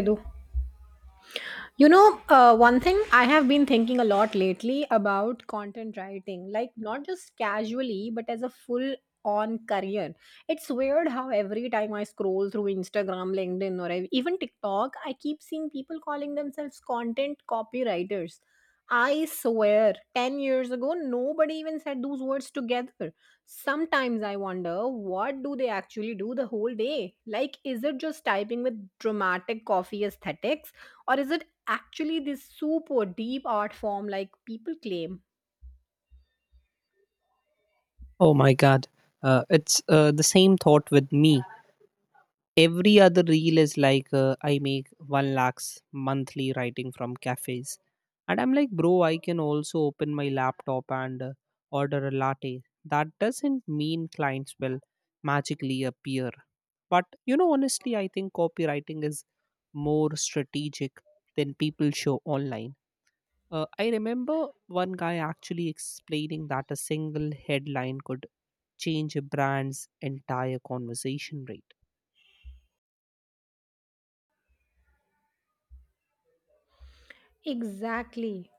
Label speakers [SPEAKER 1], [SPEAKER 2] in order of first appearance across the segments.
[SPEAKER 1] Dedo One thing I have been thinking a lot lately about content writing, like not just casually, but as a full on career. It's weird how every time I scroll through Instagram, LinkedIn, or even TikTok, I keep seeing people calling themselves content copywriters. I swear, 10 years ago, nobody even said those words together. Sometimes I wonder, what do they actually do the whole day? Like, is it just typing with dramatic coffee aesthetics? Or is it actually this super deep art form like people claim?
[SPEAKER 2] Oh my God. It's the same thought with me. Every other reel is like I make 1 lakhs monthly writing from cafes. And I'm like, bro, I can also open my laptop and order a latte. That doesn't mean clients will magically appear. But, you know, honestly, I think copywriting is more strategic than people show online. I remember one guy actually explaining that a single headline could change a brand's entire conversation rate.
[SPEAKER 1] Exactly.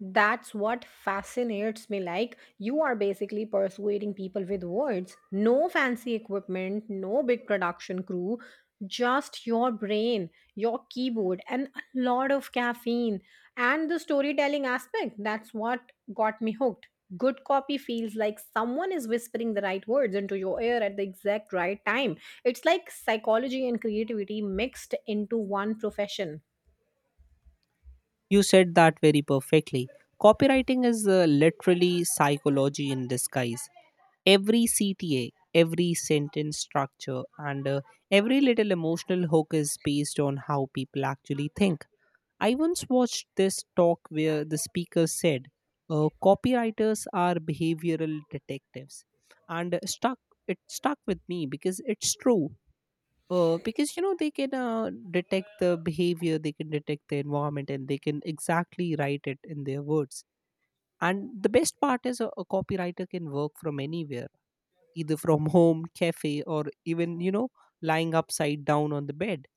[SPEAKER 1] That's what fascinates me. Like, you are basically persuading people with words. No fancy equipment, no big production crew, just your brain, your keyboard, and a lot of caffeine. And the storytelling aspect, that's what got me hooked. Good copy feels like someone is whispering the right words into your ear at the exact right time. It's like psychology and creativity mixed into one profession.
[SPEAKER 2] You said that very perfectly. Copywriting is literally psychology in disguise. Every CTA, every sentence structure, and every little emotional hook is based on how people actually think. I once watched this talk where the speaker said, copywriters are behavioral detectives. And uh, stuck, it stuck with me because it's true, because, you know, they can detect the behavior, they can detect the environment, and they can exactly write it in their words. And the best part is a copywriter can work from anywhere, either from home, cafe, or even, you know, lying upside down on the bed.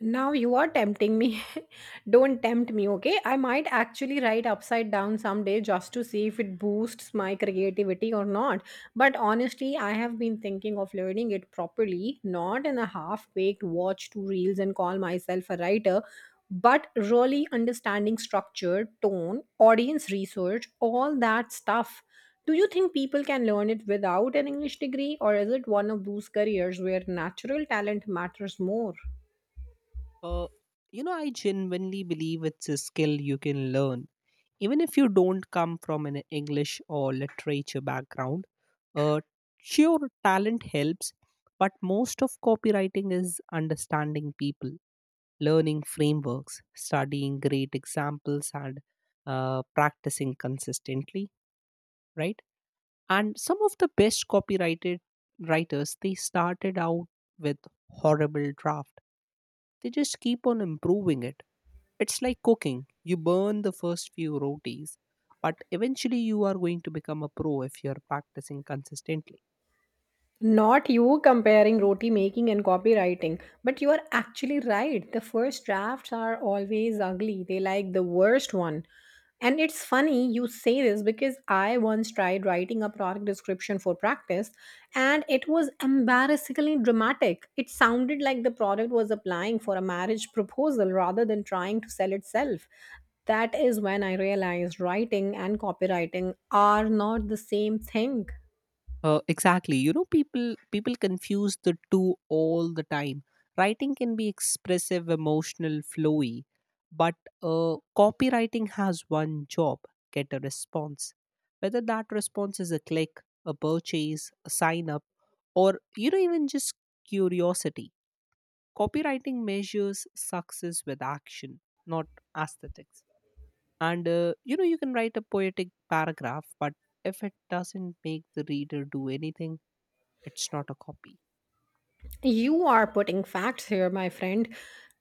[SPEAKER 1] Now you are tempting me. Don't tempt me, okay? I might actually write upside down someday just to see if it boosts my creativity or not. But honestly, I have been thinking of learning it properly, not in a half baked watch two reels and call myself a writer, but really understanding structure, tone, audience research, all that stuff. Do you think people can learn it without an English degree, or is it one of those careers where natural talent matters more?
[SPEAKER 2] uh, you know, I genuinely believe it's a skill you can learn even if you don't come from an English or literature background. uh, sure, talent helps, but most of copywriting is understanding people, learning frameworks, studying great examples, and practicing consistently, right? And some of the best copyrighted writers, they started out with horrible draft. They just keep on improving it. It's like cooking. You burn the first few rotis, but eventually you are going to become a pro if you're practicing consistently.
[SPEAKER 1] Not you comparing roti making and copywriting, but you are actually right. The first drafts are always ugly, they like the worst one. And it's funny you say this because I once tried writing a product description for practice and it was embarrassingly dramatic. It sounded like the product was applying for a marriage proposal rather than trying to sell itself. That is when I realized writing and copywriting are not the same thing.
[SPEAKER 2] Exactly. You know, people confuse the two all the time. Writing can be expressive, emotional, flowy, but copywriting has one job: get a response. Whether that response is a click, a purchase, a sign up, or, you know, even just curiosity. Copywriting measures success with action, not aesthetics. And you know, you can write a poetic paragraph, but if it doesn't make the reader do anything, it's not a copy.
[SPEAKER 1] You are putting facts here, my friend.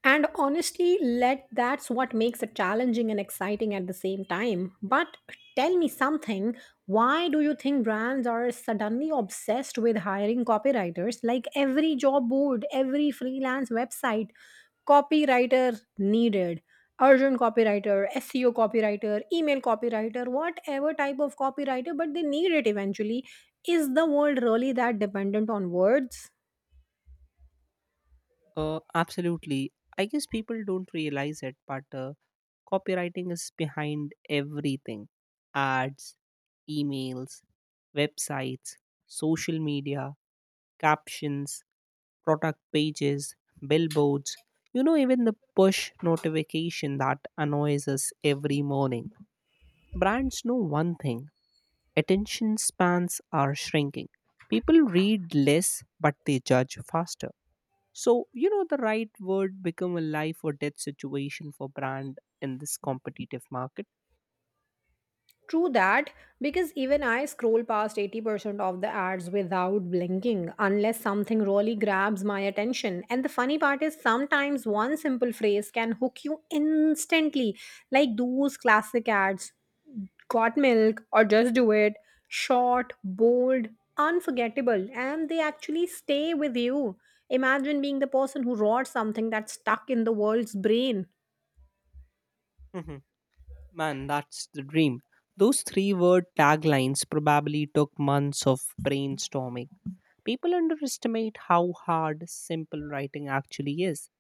[SPEAKER 1] And honestly, let that's what makes it challenging and exciting at the same time. But tell me something, why do you think brands are suddenly obsessed with hiring copywriters? Like every job board, every freelance website, copywriter needed. Urgent copywriter, SEO copywriter, email copywriter, whatever type of copywriter, but they need it eventually. Is the world really that dependent on words?
[SPEAKER 2] Absolutely. I guess people don't realize it, but copywriting is behind everything: ads, emails, websites, social media, captions, product pages, billboards. You know, even the push notification that annoys us every morning. Brands know one thing: attention spans are shrinking. People read less, but they judge faster. So, you know, the right word become a life or death situation for brand in this competitive market.
[SPEAKER 1] True that, because even I scroll past 80% of the ads without blinking unless something really grabs my attention. And the funny part is, sometimes one simple phrase can hook you instantly, like those classic ads got milk or just do it, short, bold, unforgettable, and they actually stay with you. Imagine being the person who wrote something that's stuck in the world's brain.
[SPEAKER 2] Mhm. Man, that's the dream. Those three word taglines probably took months of brainstorming. People underestimate how hard simple writing actually is.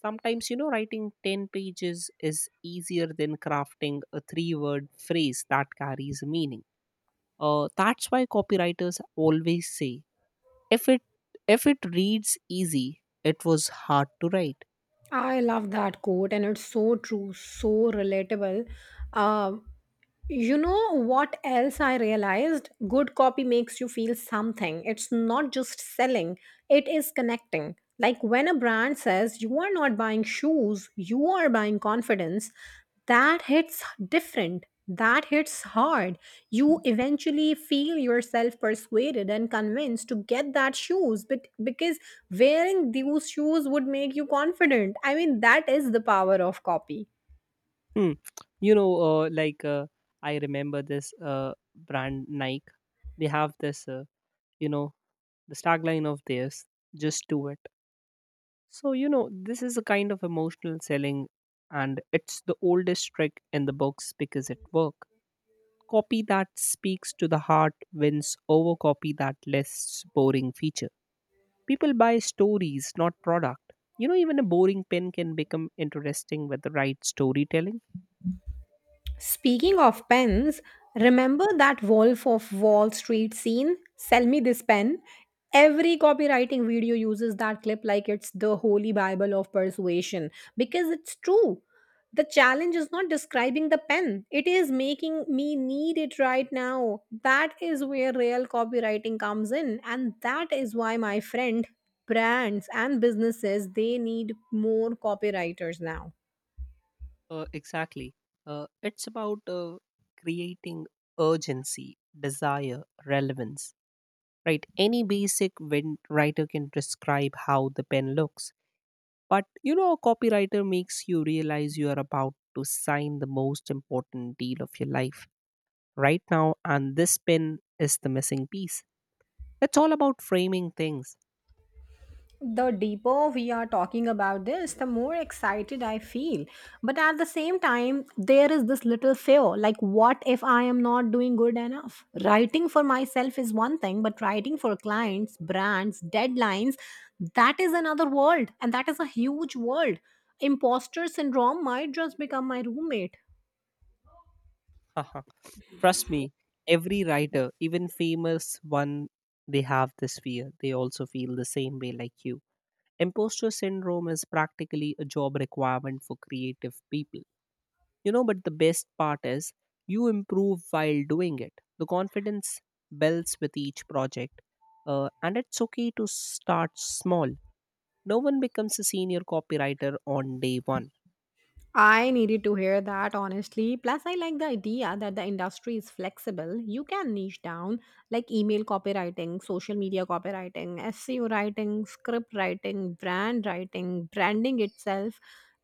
[SPEAKER 2] Sometimes, you know, writing 10 pages is easier than crafting a three word phrase that carries meaning. That's why copywriters always say, if it if it reads easy, it was hard to write.
[SPEAKER 1] I love that quote, and it's so true, so relatable. Uh, you know what else I realized? Good copy makes you feel something. It's not just selling, it is connecting. Like when a brand says you are not buying shoes, you are buying confidence, that hits different. That hits hard. You eventually feel yourself persuaded and convinced to get that shoes but because wearing those shoes would make you confident. I mean, that is the power of copy.
[SPEAKER 2] Hmm. You know, like, I remember this brand Nike. They have this, you know, the tagline of theirs, just do it. So, you know, this is a kind of emotional selling, and it's the oldest trick in the books because it works. Copy that speaks to the heart wins over copy that lists boring feature. People buy stories, not product. You know, even a boring pen can become interesting with the right storytelling.
[SPEAKER 1] Speaking of pens, remember that Wolf of Wall Street scene? Sell me this pen. Every copywriting video uses that clip like it's the holy bible of persuasion because it's true. The challenge is not describing the pen, it is making me need it right now. That is where real copywriting comes in, and that is why, my friend, brands and businesses they need more copywriters now.
[SPEAKER 2] Exactly. It's about creating urgency, desire, relevance. Right? Any basic writer can describe how the pen looks. But you know, a copywriter makes you realize you are about to sign the most important deal of your life right now, and this pin is the missing piece. It's all about framing things.
[SPEAKER 1] The deeper we are talking about this, the more excited I feel. But at the same time, there is this little fear like, what if I am not doing good enough? Writing for myself is one thing, but writing for clients, brands, deadlines, that is another world. And that is a huge world. Imposter syndrome might just become my roommate.
[SPEAKER 2] Haha. Trust me, every writer, even famous one, they have this fear. They also feel the same way like you. Imposter syndrome is practically a job requirement for creative people. You know, but the best part is you improve while doing it. The confidence builds with each project, and it's okay to start small. No one becomes a senior copywriter on day one.
[SPEAKER 1] I needed to hear that honestly. Plus, I like the idea that the industry is flexible. You can niche down like email copywriting, social media copywriting, SEO writing, script writing, brand writing, branding itself.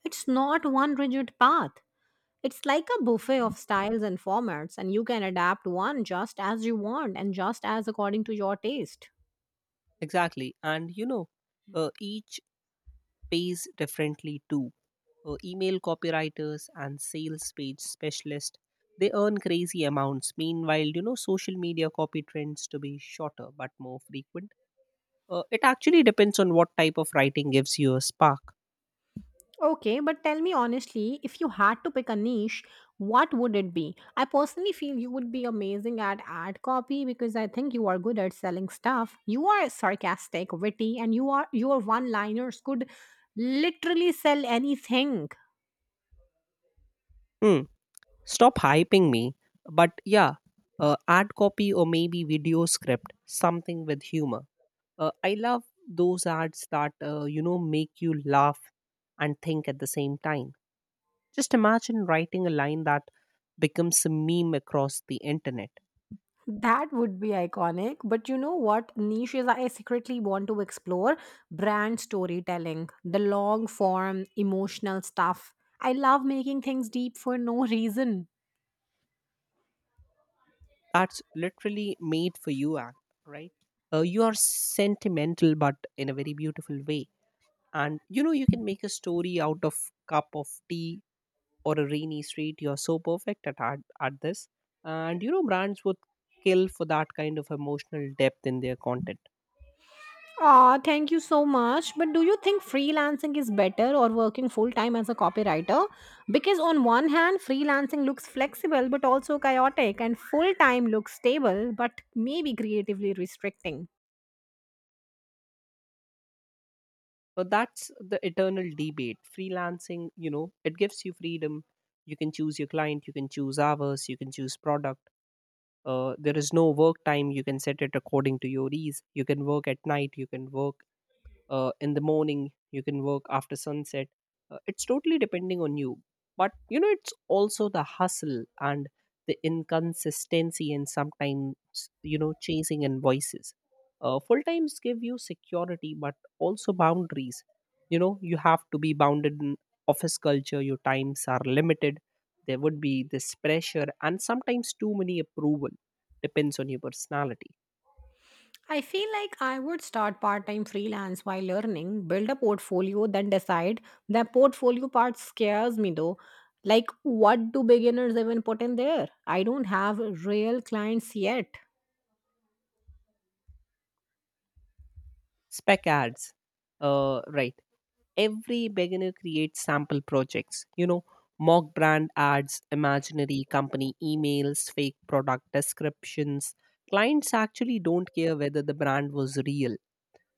[SPEAKER 1] It's not one rigid path. It's like a buffet of styles and formats, and you can adapt one just as you want and just as according to your taste.
[SPEAKER 2] Exactly. And you know, each pays differently too. Email copywriters and sales page specialists, they earn crazy amounts. Meanwhile, you know, social media copy trends to be shorter but more frequent. It actually depends on what type of writing gives you a spark.
[SPEAKER 1] Okay, but tell me honestly, if you had to pick a niche, what would it be? I personally feel you would be amazing at ad copy because I think you are good at selling stuff. You are sarcastic, witty, and you are your one-liners could literally sell anything.
[SPEAKER 2] Hmm. Stop hyping me. But yeah, ad copy or maybe video script, something with humor. I love those ads that, you know, make you laugh and think at the same time. Just imagine writing a line that becomes a meme across the internet.
[SPEAKER 1] That would be iconic. But you know what niches I secretly want to explore? Brand storytelling, the long form, emotional stuff. I love making things deep for no reason.
[SPEAKER 2] That's literally made for you right. You are sentimental but in a very beautiful way, and you know, you can make a story out of cup of tea or a rainy street. You're so perfect at, at this, and you know, brands would kill for that kind of emotional depth in their content.
[SPEAKER 1] Ah, thank you so much. But do you think freelancing is better or working full time as a copywriter? Because on one hand, freelancing looks flexible but also chaotic, and full time looks stable but maybe creatively restricting.
[SPEAKER 2] But that's the eternal debate. Freelancing, you know, it gives you freedom. You can choose your client, you can choose hours, you can choose product. There is no work time, you can set it according to your ease. You can work at night, you can work in the morning, you can work after sunset. It's totally depending on you. But you know, it's also the hustle and the inconsistency, and sometimes, you know, chasing invoices. Full times give you security but also boundaries. You know, you have to be bounded in office culture, your times are limited, there would be this pressure and sometimes too many approval. Depends on your personality.
[SPEAKER 1] I feel like I would start part time freelance while learning, build a portfolio, then decide. The portfolio part scares me though. Like, what do beginners even put in there? I don't have real clients yet.
[SPEAKER 2] Spec ads. Right. Every beginner creates sample projects, you know, mock brand ads, imaginary company emails, fake product descriptions. Clients actually don't care whether the brand was real,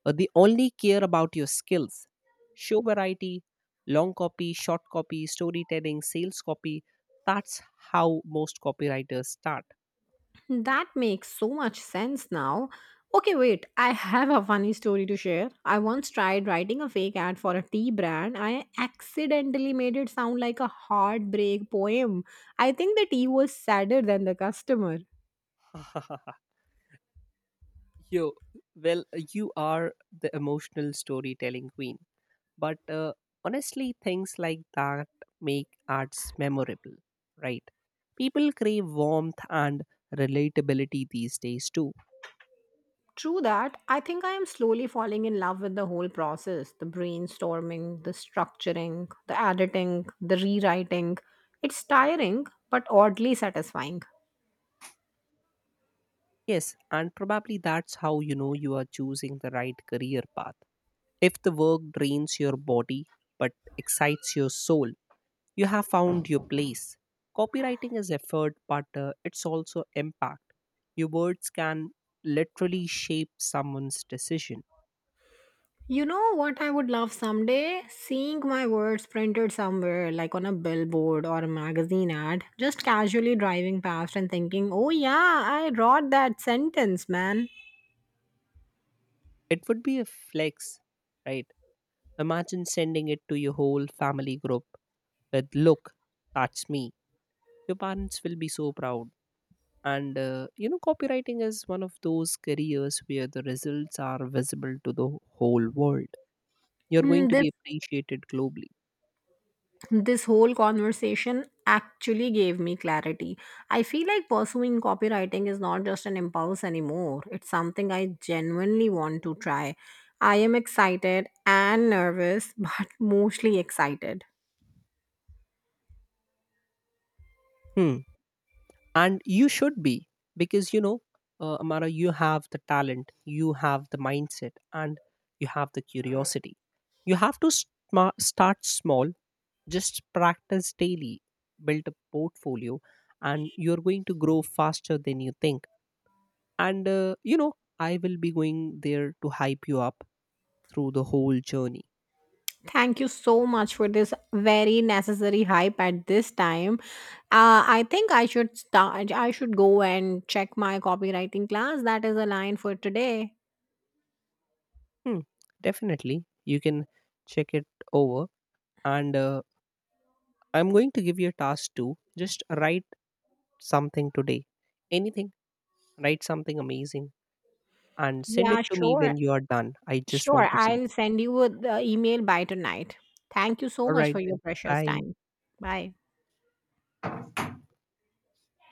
[SPEAKER 2] they only care about your skills. Show variety: long copy, short copy, storytelling, sales copy. That's how most copywriters start.
[SPEAKER 1] That makes so much sense now. Okay, wait, I have a funny story to share. I once tried writing a fake ad for a tea brand. I accidentally made it sound like a heartbreak poem. I think the tea was sadder than the customer.
[SPEAKER 2] Yo, well, you are the emotional storytelling queen. But honestly, things like that make ads memorable, right? People crave warmth and relatability these days too.
[SPEAKER 1] True that, I think I am slowly falling in love with the whole process, the brainstorming, the structuring, the editing, the rewriting. It's tiring, but oddly satisfying.
[SPEAKER 2] Yes, and probably that's how you know you are choosing the right career path. If the work drains your body but excites your soul, you have found your place. Copywriting is effort, but it's also impact. Your words can literally shape someone's decision.
[SPEAKER 1] You know what I would love someday? Seeing my words printed somewhere, like on a billboard or a magazine ad, just casually driving past and thinking, oh yeah, I wrote that sentence, man.
[SPEAKER 2] It would be a flex, right? Imagine sending it to your whole family group with, look, that's me. Your parents will be so proud. And you know, copywriting is one of those careers where the results are visible to the whole world. You're going
[SPEAKER 1] Mm,
[SPEAKER 2] to
[SPEAKER 1] This,
[SPEAKER 2] be appreciated globally.
[SPEAKER 1] this whole conversation actually gave me clarity. I feel like pursuing copywriting is not just an impulse anymore, it's something I genuinely want to try. I am excited and nervous, but mostly excited.
[SPEAKER 2] Hmm. And you should be, because you know, Amara, you have the talent, you have the mindset, and you have the curiosity. You have to start small. Just practice daily, build a portfolio, and you're going to grow faster than you think. And, you know, I will be going there to hype you up through the whole journey.
[SPEAKER 1] Thank you so much for this very necessary hype at this time. I think I should start. I should go and check my copywriting class. That is a line for today.
[SPEAKER 2] Hmm, definitely. You can check it over. And I'm going to give you a task too. Just write something today. Anything. Write something amazing and send
[SPEAKER 1] Yeah,
[SPEAKER 2] it to me
[SPEAKER 1] sure,
[SPEAKER 2] when you are done. I just
[SPEAKER 1] sure.
[SPEAKER 2] want to see.
[SPEAKER 1] I'll send you the email by tonight. Thank you so
[SPEAKER 2] All
[SPEAKER 1] much
[SPEAKER 2] right,
[SPEAKER 1] for your
[SPEAKER 2] then.
[SPEAKER 1] precious
[SPEAKER 2] Bye.
[SPEAKER 1] time. Bye.